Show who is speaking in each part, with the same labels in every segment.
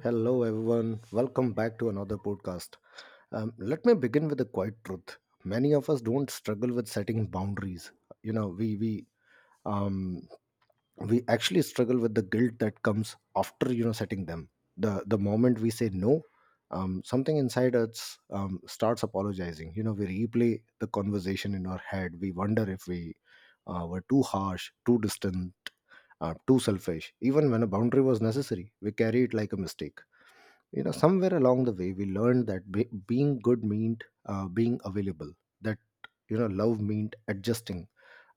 Speaker 1: Hello, everyone. Welcome back to another podcast. Let me begin with a quiet truth. Many of us don't struggle with setting boundaries. You know, we we um, we actually struggle with the guilt that comes after setting them. The moment we say no, something inside us starts apologizing. You know, we replay the conversation in our head. We wonder if we were too harsh, too distant, too selfish. Even when a boundary was necessary, we carry it like a mistake. Somewhere along the way we learned that being good meant being available, that love meant adjusting,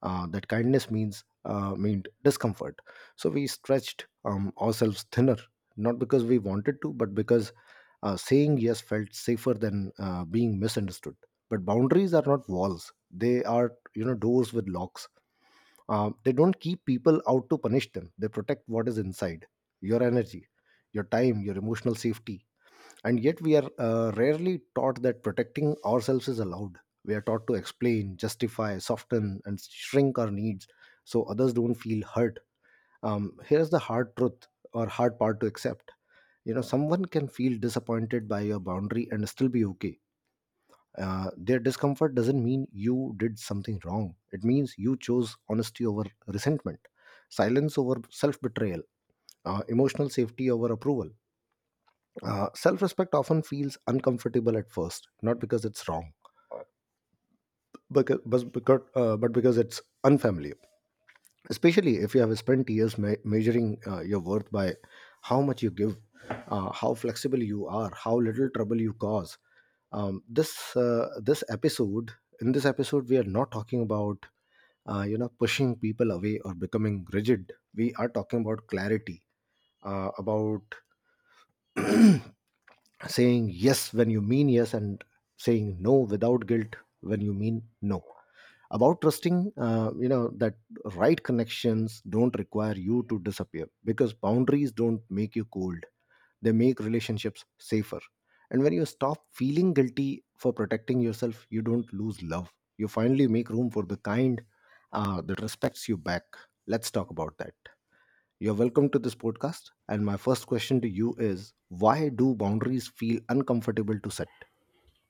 Speaker 1: that kindness means meant discomfort. So we stretched ourselves thinner, not because we wanted to but because saying yes felt safer than being misunderstood. But boundaries are not walls, they are doors with locks. They don't keep people out to punish them, they protect what is inside: your energy, your time, your emotional safety. And yet we are rarely taught that protecting ourselves is allowed. We are taught to explain, justify, soften and shrink our needs so others don't feel hurt. Here's the hard truth, or hard part to accept. Someone can feel disappointed by your boundary and still be okay. Their discomfort doesn't mean you did something wrong, it means you chose honesty over resentment, silence over self-betrayal, emotional safety over approval. Self respect often feels uncomfortable at first, not because it's wrong, but because it's unfamiliar. Especially if you have spent years measuring your worth by how much you give, how flexible you are, how little trouble you cause. Um, this uh, this episode, in this episode, we are not talking about pushing people away or becoming rigid. We are talking about clarity, about saying yes when you mean yes, and saying no without guilt when you mean no. About trusting that right connections don't require you to disappear, because boundaries don't make you cold, they make relationships safer. And when you stop feeling guilty for protecting yourself, you don't lose love, you finally make room for the kind that respects you back. Let's talk about that. You're welcome to this podcast. And my first question to you is: why do boundaries feel uncomfortable to set?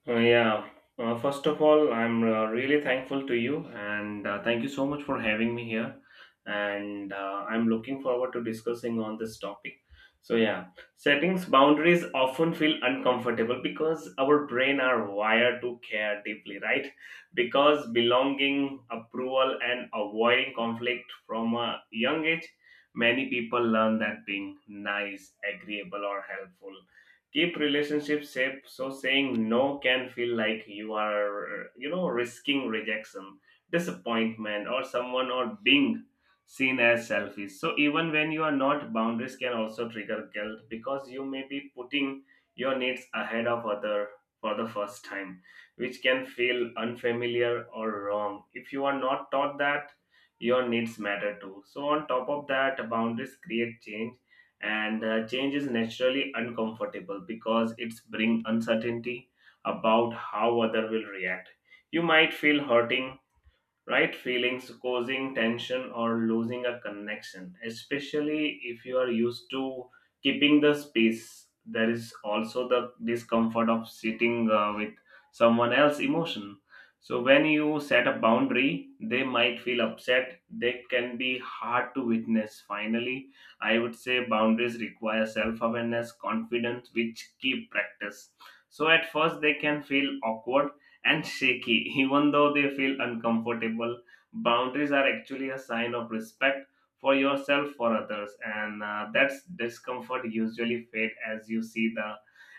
Speaker 2: Uh, yeah. First of all, I'm really thankful to you, and thank you so much for having me here. And I'm looking forward to discussing on this topic. So yeah, settings boundaries often feel uncomfortable because our brain are wired to care deeply, right? Because belonging, approval, and avoiding conflict from a young age, many people learn that being nice, agreeable, or helpful keep relationships safe, so saying no can feel like you are risking rejection, disappointment, or someone, or being seen as selfish. So even when you are not, boundaries can also trigger guilt because you may be putting your needs ahead of other for the first time, which can feel unfamiliar or wrong if you are not taught that your needs matter too. So on top of that, boundaries create change, and change is naturally uncomfortable because it's bring uncertainty about how other will react. You might feel hurting right feelings, causing tension or losing a connection, especially if you are used to keeping the space. There is also the discomfort of sitting with someone else's emotion. So when you set a boundary, they might feel upset, they can be hard to witness. Finally, I would say boundaries require self awareness, confidence, which keep practice. So at first they can feel awkward and shaky, even though they feel uncomfortable. Boundaries are actually a sign of respect for yourself, for others, and that's discomfort usually fade as you see the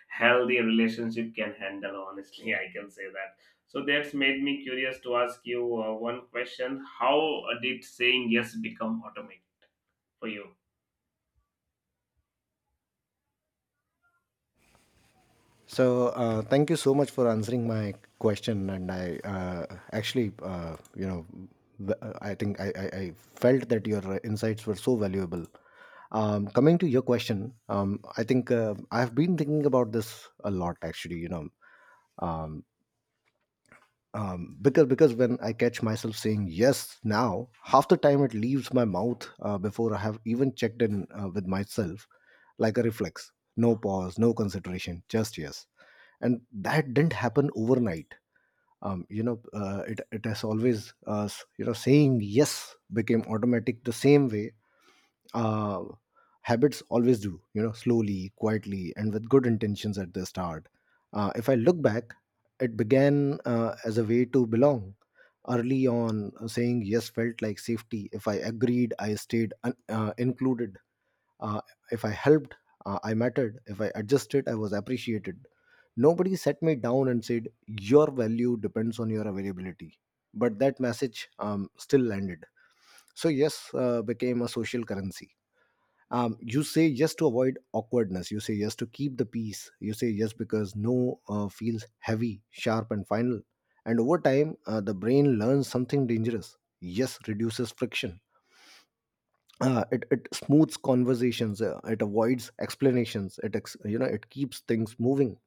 Speaker 2: healthy relationship can handle. Honestly, I can say that. So that's made me curious to ask you one question: how did saying yes become automatic for you?
Speaker 1: So, thank you so much for answering my question. And I actually, you know, v- I think I felt that your insights were so valuable. Coming to your question, I think I've been thinking about this a lot actually, you know. Um, because when I catch myself saying yes now, half the time it leaves my mouth before I have even checked in with myself, like a reflex. No pause, no consideration, just yes. And that didn't happen overnight. You know, it it has always s- you know Saying yes became automatic the same way uh, habits always do, you know, slowly, quietly, and with good intentions at the start. If I look back, it began as a way to belong. Early on, saying yes felt like safety. If I agreed, I stayed included. uh, if I helped, I mattered. If I adjusted, I was appreciated. Nobody sat me down and said your value depends on your availability, but that message still landed. So yes became a social currency. You say yes to avoid awkwardness, you say yes to keep the peace, you say yes because no feels heavy, sharp and final. And over time the brain learns something dangerous: yes reduces friction. It smooths conversations, it avoids explanations, it ex- you know it keeps things moving.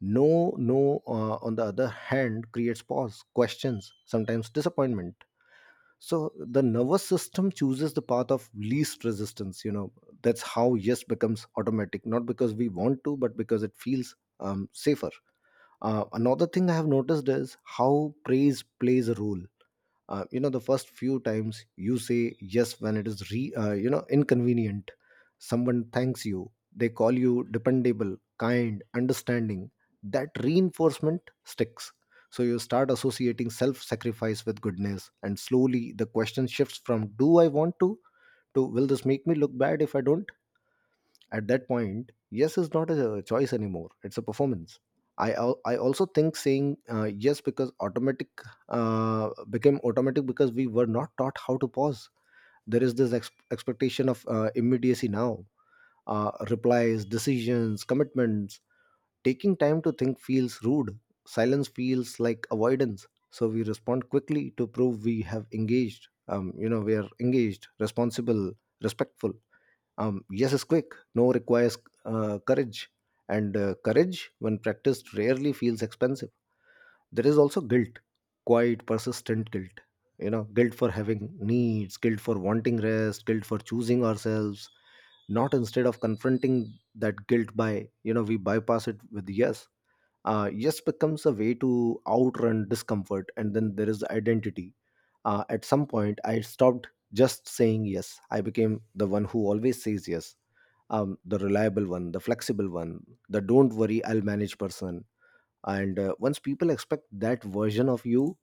Speaker 1: No, on the other hand, creates pause, questions, sometimes disappointment. So the nervous system chooses the path of least resistance, you know. That's how yes becomes automatic, not because we want to but because it feels safer. Another thing I have noticed is how praise plays a role. You know, the first few times you say yes when it is re you know inconvenient, someone thanks you, they call you dependable, kind, understanding. That reinforcement sticks. So you start associating self sacrifice with goodness, and slowly the question shifts from do I want to will this make me look bad if I don't. At that point, yes is not a choice anymore; it's a performance. I also think saying yes because automatic became automatic because we were not taught how to pause. There is this expectation of immediacy now. Replies, decisions, commitments. Taking time to think feels rude. Silence feels like avoidance. So we respond quickly to prove we have engaged. We are engaged, responsible, respectful. Yes is quick. No requires courage. And courage, when practiced, rarely feels expensive. There is also guilt, quite persistent guilt. You know, guilt for having needs, guilt for wanting rest, guilt for choosing ourselves. Not instead of confronting that guilt by, you know, we bypass it with yes. Yes becomes a way to outrun discomfort. And then there is identity. At some point I stopped just saying yes, I became the one who always says yes. The reliable one, the flexible one, the don't worry I'll manage person. And once people expect that version of you,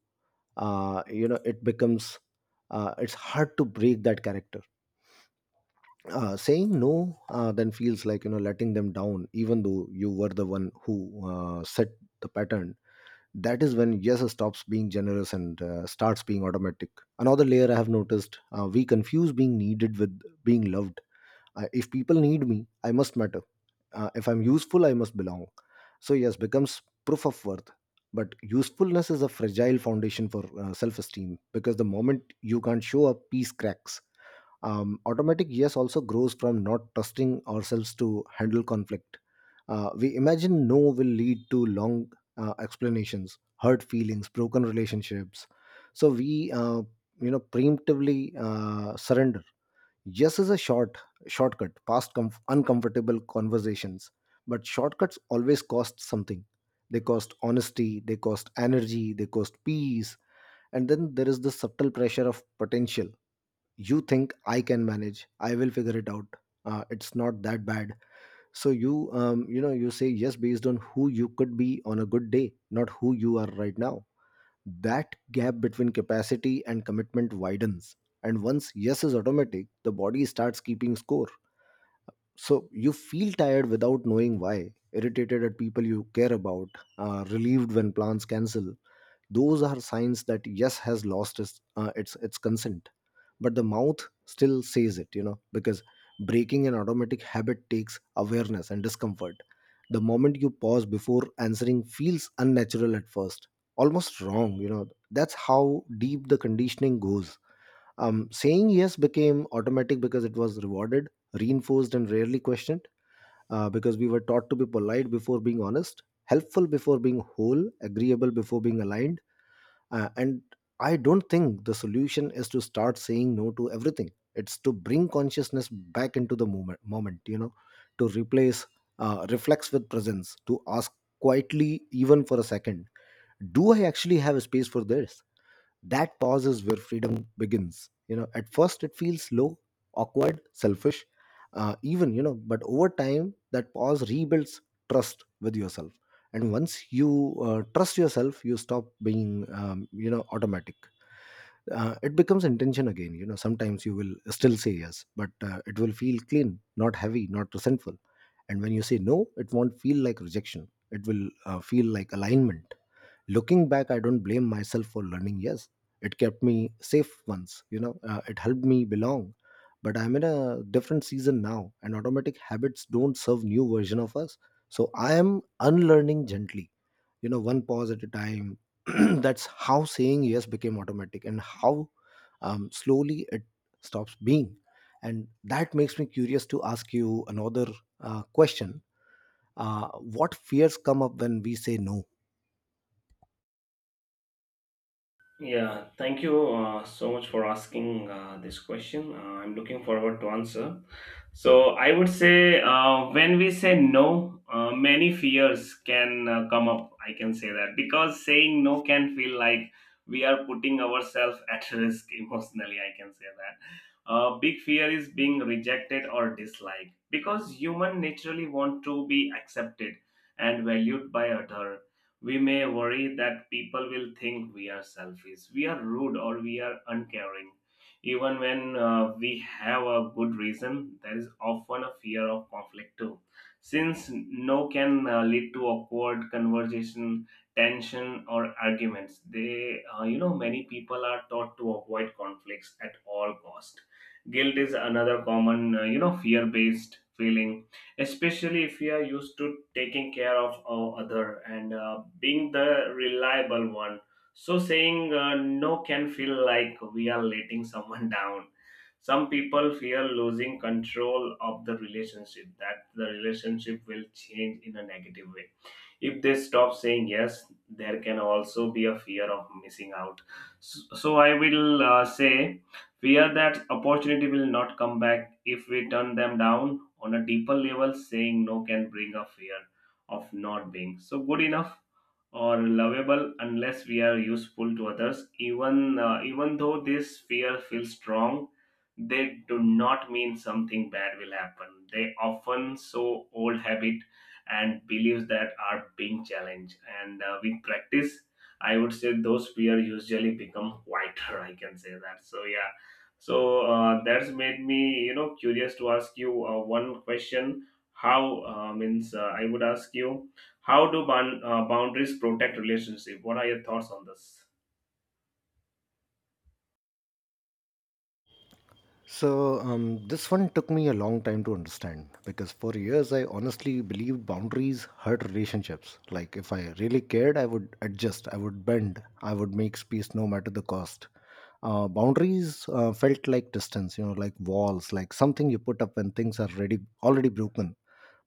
Speaker 1: you know it becomes it's hard to break that character. Saying no then feels like, letting them down, even though you were the one who set the pattern. That is when yes stops being generous and starts being automatic. Another layer I have noticed: we confuse being needed with being loved. If people need me, I must matter. If I'm useful, I must belong. So yes becomes proof of worth. But usefulness is a fragile foundation for self-esteem, because the moment you can't show up, peace cracks. Automatic yes also grows from not trusting ourselves to handle conflict. We imagine no will lead to long explanations, hurt feelings, broken relationships. So we preemptively surrender. Yes is a shortcut past uncomfortable conversations. But shortcuts always cost something. They cost honesty, they cost energy, they cost peace. And then there is the subtle pressure of potential. You think I can manage, I will figure it out, it's not that bad. So you say yes based on who you could be on a good day, not who you are right now. That gap between capacity and commitment widens. And once yes is automatic, the body starts keeping score. So you feel tired without knowing why, irritated at people you care about, relieved when plans cancel. Those are signs that yes has lost its consent, but the mouth still says it, you know, because breaking an automatic habit takes awareness and discomfort. The moment you pause before answering feels unnatural at first, almost wrong, you know. That's how deep the conditioning goes. Saying yes became automatic because it was rewarded, reinforced and rarely questioned. Because we were taught to be polite before being honest, helpful before being whole, agreeable before being aligned. And I don't think the solution is to start saying no to everything. It's to bring consciousness back into the moment, you know, to replace reflex with presence, to ask quietly, even for a second, do I actually have a space for this? That pause is where freedom begins. You know, at first it feels low, awkward, selfish, even, you know, but over time, that pause rebuilds trust with yourself. And once you trust yourself, you stop being, automatic. It becomes intention again. You know, sometimes you will still say yes, but it will feel clean, not heavy, not resentful. And when you say no, it won't feel like rejection. It will feel like alignment. Looking back, I don't blame myself for learning. Yes, it kept me safe once, you know, it helped me belong. But I'm in a different season now, and automatic habits don't serve new version of us. So I am unlearning gently, you know, one pause at a time. That's how saying yes became automatic, and how slowly it stops being. And that makes me curious to ask you another question. What fears come up when we say no?
Speaker 2: Yeah, thank you so much for asking this question. I'm looking forward to answer. So I would say when we say no, many fears can come up. I can say that because saying no can feel like we are putting ourselves at risk emotionally. I can say that. Big fear is being rejected or disliked because human naturally want to be accepted and valued by other. We may worry that people will think we are selfish, we are rude, or we are uncaring. Even when we have a good reason, there is often a fear of conflict too. Since no can lead to awkward conversation, tension, or arguments, they, many people are taught to avoid conflicts at all cost. Guilt is another common, fear-based feeling, especially if we are used to taking care of our other and being the reliable one. So saying no can feel like we are letting someone down. Some people fear losing control of the relationship, that the relationship will change in a negative way if they stop saying yes. There can also be a fear of missing out. So I will say fear that opportunity will not come back if we turn them down. On a deeper level, saying no can bring a fear of not being so good enough or lovable unless we are useful to others. Even even though this fear feels strong, they do not mean something bad will happen. They often so old habit and beliefs that are being challenged. And with practice, I would say those fears usually become quieter. I can say that. So that's made me curious to ask you one question. How means I would ask you, how do boundaries protect relationship? What are your thoughts on this?
Speaker 1: So, this one took me a long time to understand, because for years I honestly believed boundaries hurt relationships. Like, if I really cared, I would adjust, I would bend, I would make space no matter the cost. Boundaries felt like distance, you know, like walls, like something you put up when things are ready, already broken.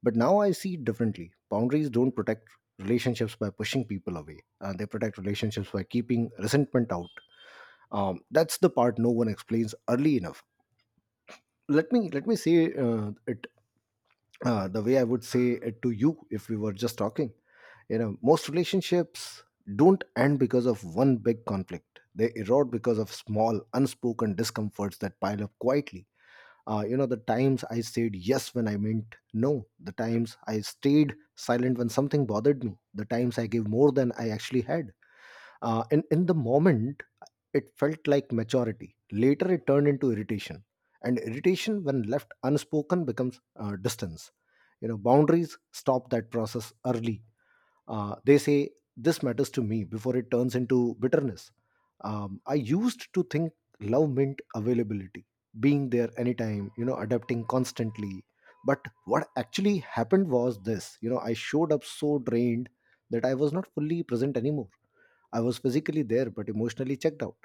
Speaker 1: But now I see it differently. Boundaries don't protect relationships by pushing people away, they protect relationships by keeping resentment out. That's the part no one explains early enough. Let me say it the way I would say it to you if we were just talking. You know, most relationships don't end because of one big conflict, they erode because of small unspoken discomforts that pile up quietly. You know, the times I said yes when I meant no, the times I stayed silent when something bothered me, the times I gave more than I actually had. And in the moment it felt like maturity. Later, it turned into irritation. And irritation, when left unspoken, becomes distance. You know, boundaries stop that process early. They say, this matters to me before it turns into bitterness. I used to think love meant availability, being there anytime, you know, adapting constantly. But what actually happened was this, you know, I showed up so drained that I was not fully present anymore. I was physically there but emotionally checked out.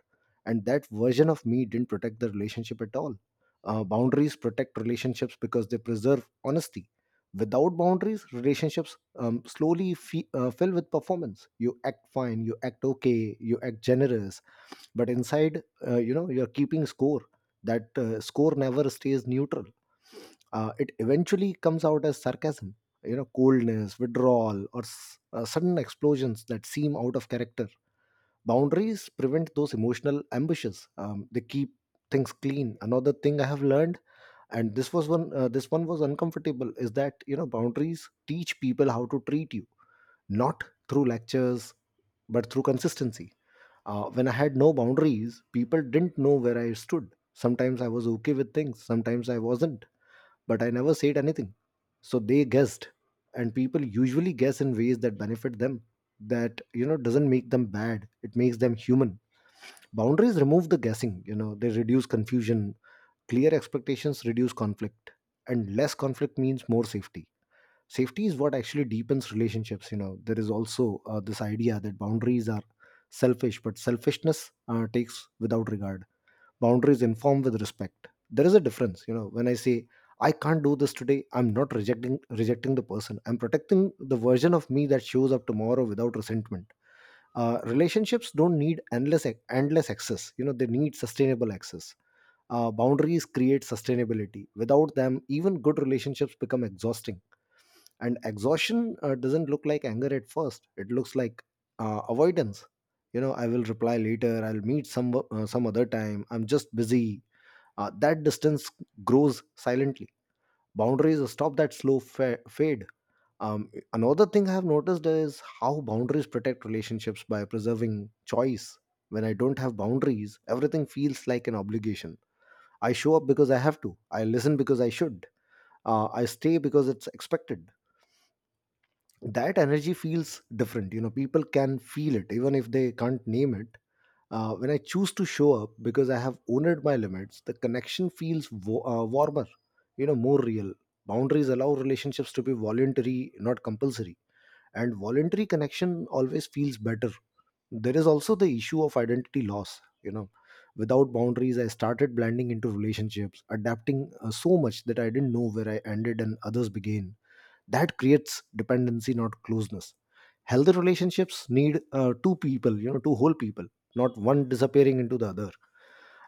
Speaker 1: And that version of me didn't protect the relationship at all. Boundaries protect relationships because they preserve honesty. Without boundaries, relationships slowly fill with performance. You act fine, you act okay, you act generous, but inside, you know, you're keeping score. That score never stays neutral. It eventually comes out as sarcasm, you know, coldness, withdrawal, or sudden explosions that seem out of character. Boundaries prevent those emotional ambushes. They keep things clean. Another thing I have learned, and this one was uncomfortable, is that, you know, boundaries teach people how to treat you, not through lectures, but through consistency. When I had no boundaries, people didn't know where I stood. Sometimes I was okay with things, sometimes I wasn't, but I never said anything. So they guessed, and people usually guess in ways that benefit them, that, you know, doesn't make them bad, it makes them human. Boundaries remove the guessing, you know, they reduce confusion. Clear expectations reduce conflict, and less conflict means more safety. Safety is what actually deepens relationships. You know, there is also this idea that boundaries are selfish, but selfishness takes without regard. Boundaries inform with respect. There is a difference. You know, when I say I can't do this today, I'm not rejecting the person, I'm protecting the version of me that shows up tomorrow without resentment. Relationships don't need endless access, you know, they need sustainable access. Boundaries create sustainability. Without them, even good relationships become exhausting. And exhaustion doesn't look like anger at first, it looks like avoidance. You know, I will reply later, I'll meet some other time, I'm just busy. That distance grows silently. Boundaries stop that slow fade. Another thing I have noticed is how boundaries protect relationships by preserving choice. When I don't have boundaries, everything feels like an obligation. I show up because I have to, I listen because I should, I stay because it's expected. That energy feels different. You know, people can feel it even if they can't name it. When I choose to show up because I have owned my limits, the connection feels warmer, you know, more real. Boundaries allow relationships to be voluntary, not compulsory. And voluntary connection always feels better. There is also the issue of identity loss. You know, without boundaries I started blending into relationships, adapting so much that I didn't know where I ended and others began. That creates dependency, not closeness. Healthy relationships need two people, you know, two whole people, not one disappearing into the other.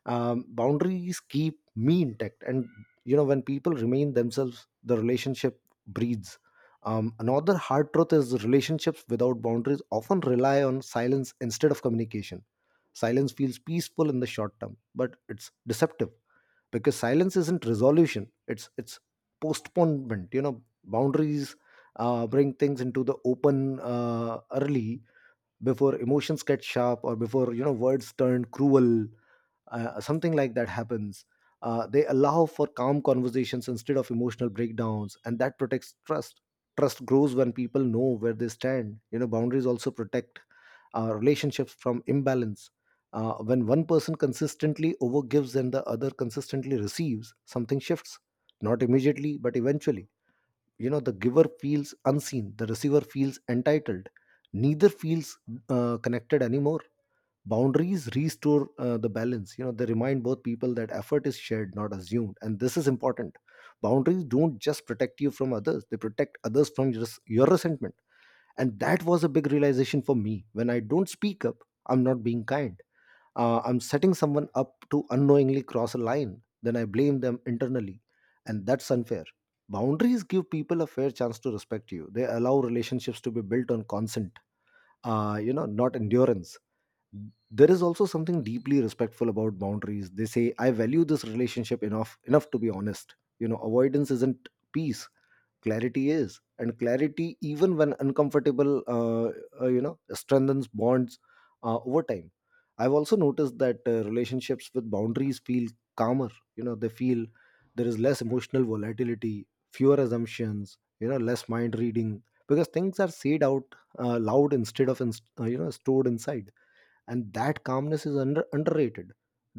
Speaker 1: Boundaries keep me intact, and you know, when people remain themselves, the relationship breathes. Another hard truth is relationships without boundaries often rely on silence instead of communication. Silence feels peaceful in the short term, but it's deceptive, because silence isn't resolution, it's postponement. You know, boundaries bring things into the open early, before emotions get sharp, or before, you know, words turn cruel, something like that happens. They allow for calm conversations instead of emotional breakdowns, and that protects trust. Trust grows when people know where they stand. You know, boundaries also protect relationships from imbalance. When one person consistently overgives and the other consistently receives, something shifts, not immediately but eventually. You know, the giver feels unseen, the receiver feels entitled, neither feels connected anymore. Boundaries restore the balance. You know, they remind both people that effort is shared, not assumed. And this is important, boundaries don't just protect you from others, they protect others from your resentment. And that was a big realization for me. When I don't speak up, I'm not being kind, I'm setting someone up to unknowingly cross a line, then I blame them internally. And that's unfair. Boundaries give people a fair chance to respect you, they allow relationships to be built on consent, you know, not endurance. There is also something deeply respectful about boundaries. They say I value this relationship enough to be honest. You know, avoidance isn't peace, clarity is. And clarity, even when uncomfortable, you know, strengthens bonds over time. I've also noticed that relationships with boundaries feel calmer. You know, they feel, there is less emotional volatility, fewer assumptions, you know, less mind reading, because things are said out loud instead of in, you know, stored inside. And that calmness is underrated.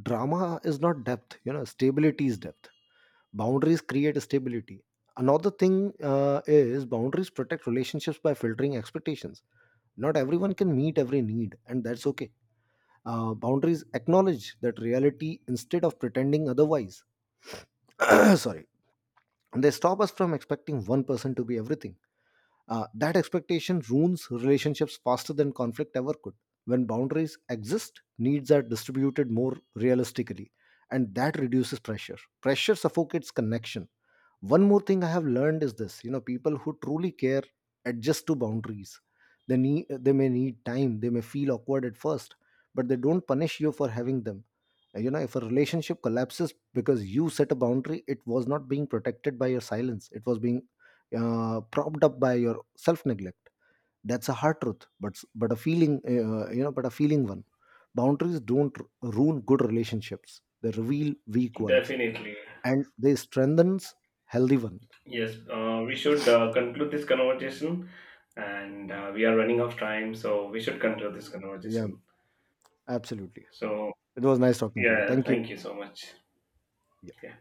Speaker 1: Drama is not depth, you know, stability is depth. Boundaries create stability. Another thing is boundaries protect relationships by filtering expectations. Not everyone can meet every need, and that's okay. Boundaries acknowledge that reality instead of pretending otherwise. Sorry. And they stop us from expecting one person to be everything. That expectation ruins relationships faster than conflict ever could. When boundaries exist, needs are distributed more realistically, and that reduces pressure. Pressure suffocates connection. One more thing I have learned is this, you know, people who truly care adjust to boundaries. They need they may need time, they may feel awkward at first, but they don't punish you for having them. You know, if a relationship collapses because you set a boundary, it was not being protected by your silence, it was being propped up by your self neglect. That's a hard truth, but a feeling you know, but a feeling one. Boundaries don't ruin good relationships, they reveal weak ones,
Speaker 2: Definitely,
Speaker 1: and they strengthens healthy ones.
Speaker 2: yes. We should conclude this conversation, and we are running out of time, so we should conclude this
Speaker 1: Yeah,
Speaker 2: conversation.
Speaker 1: absolutely.
Speaker 2: So
Speaker 1: It was nice talking to you.
Speaker 2: yeah,
Speaker 1: Thank you.
Speaker 2: thank you so much. Yeah.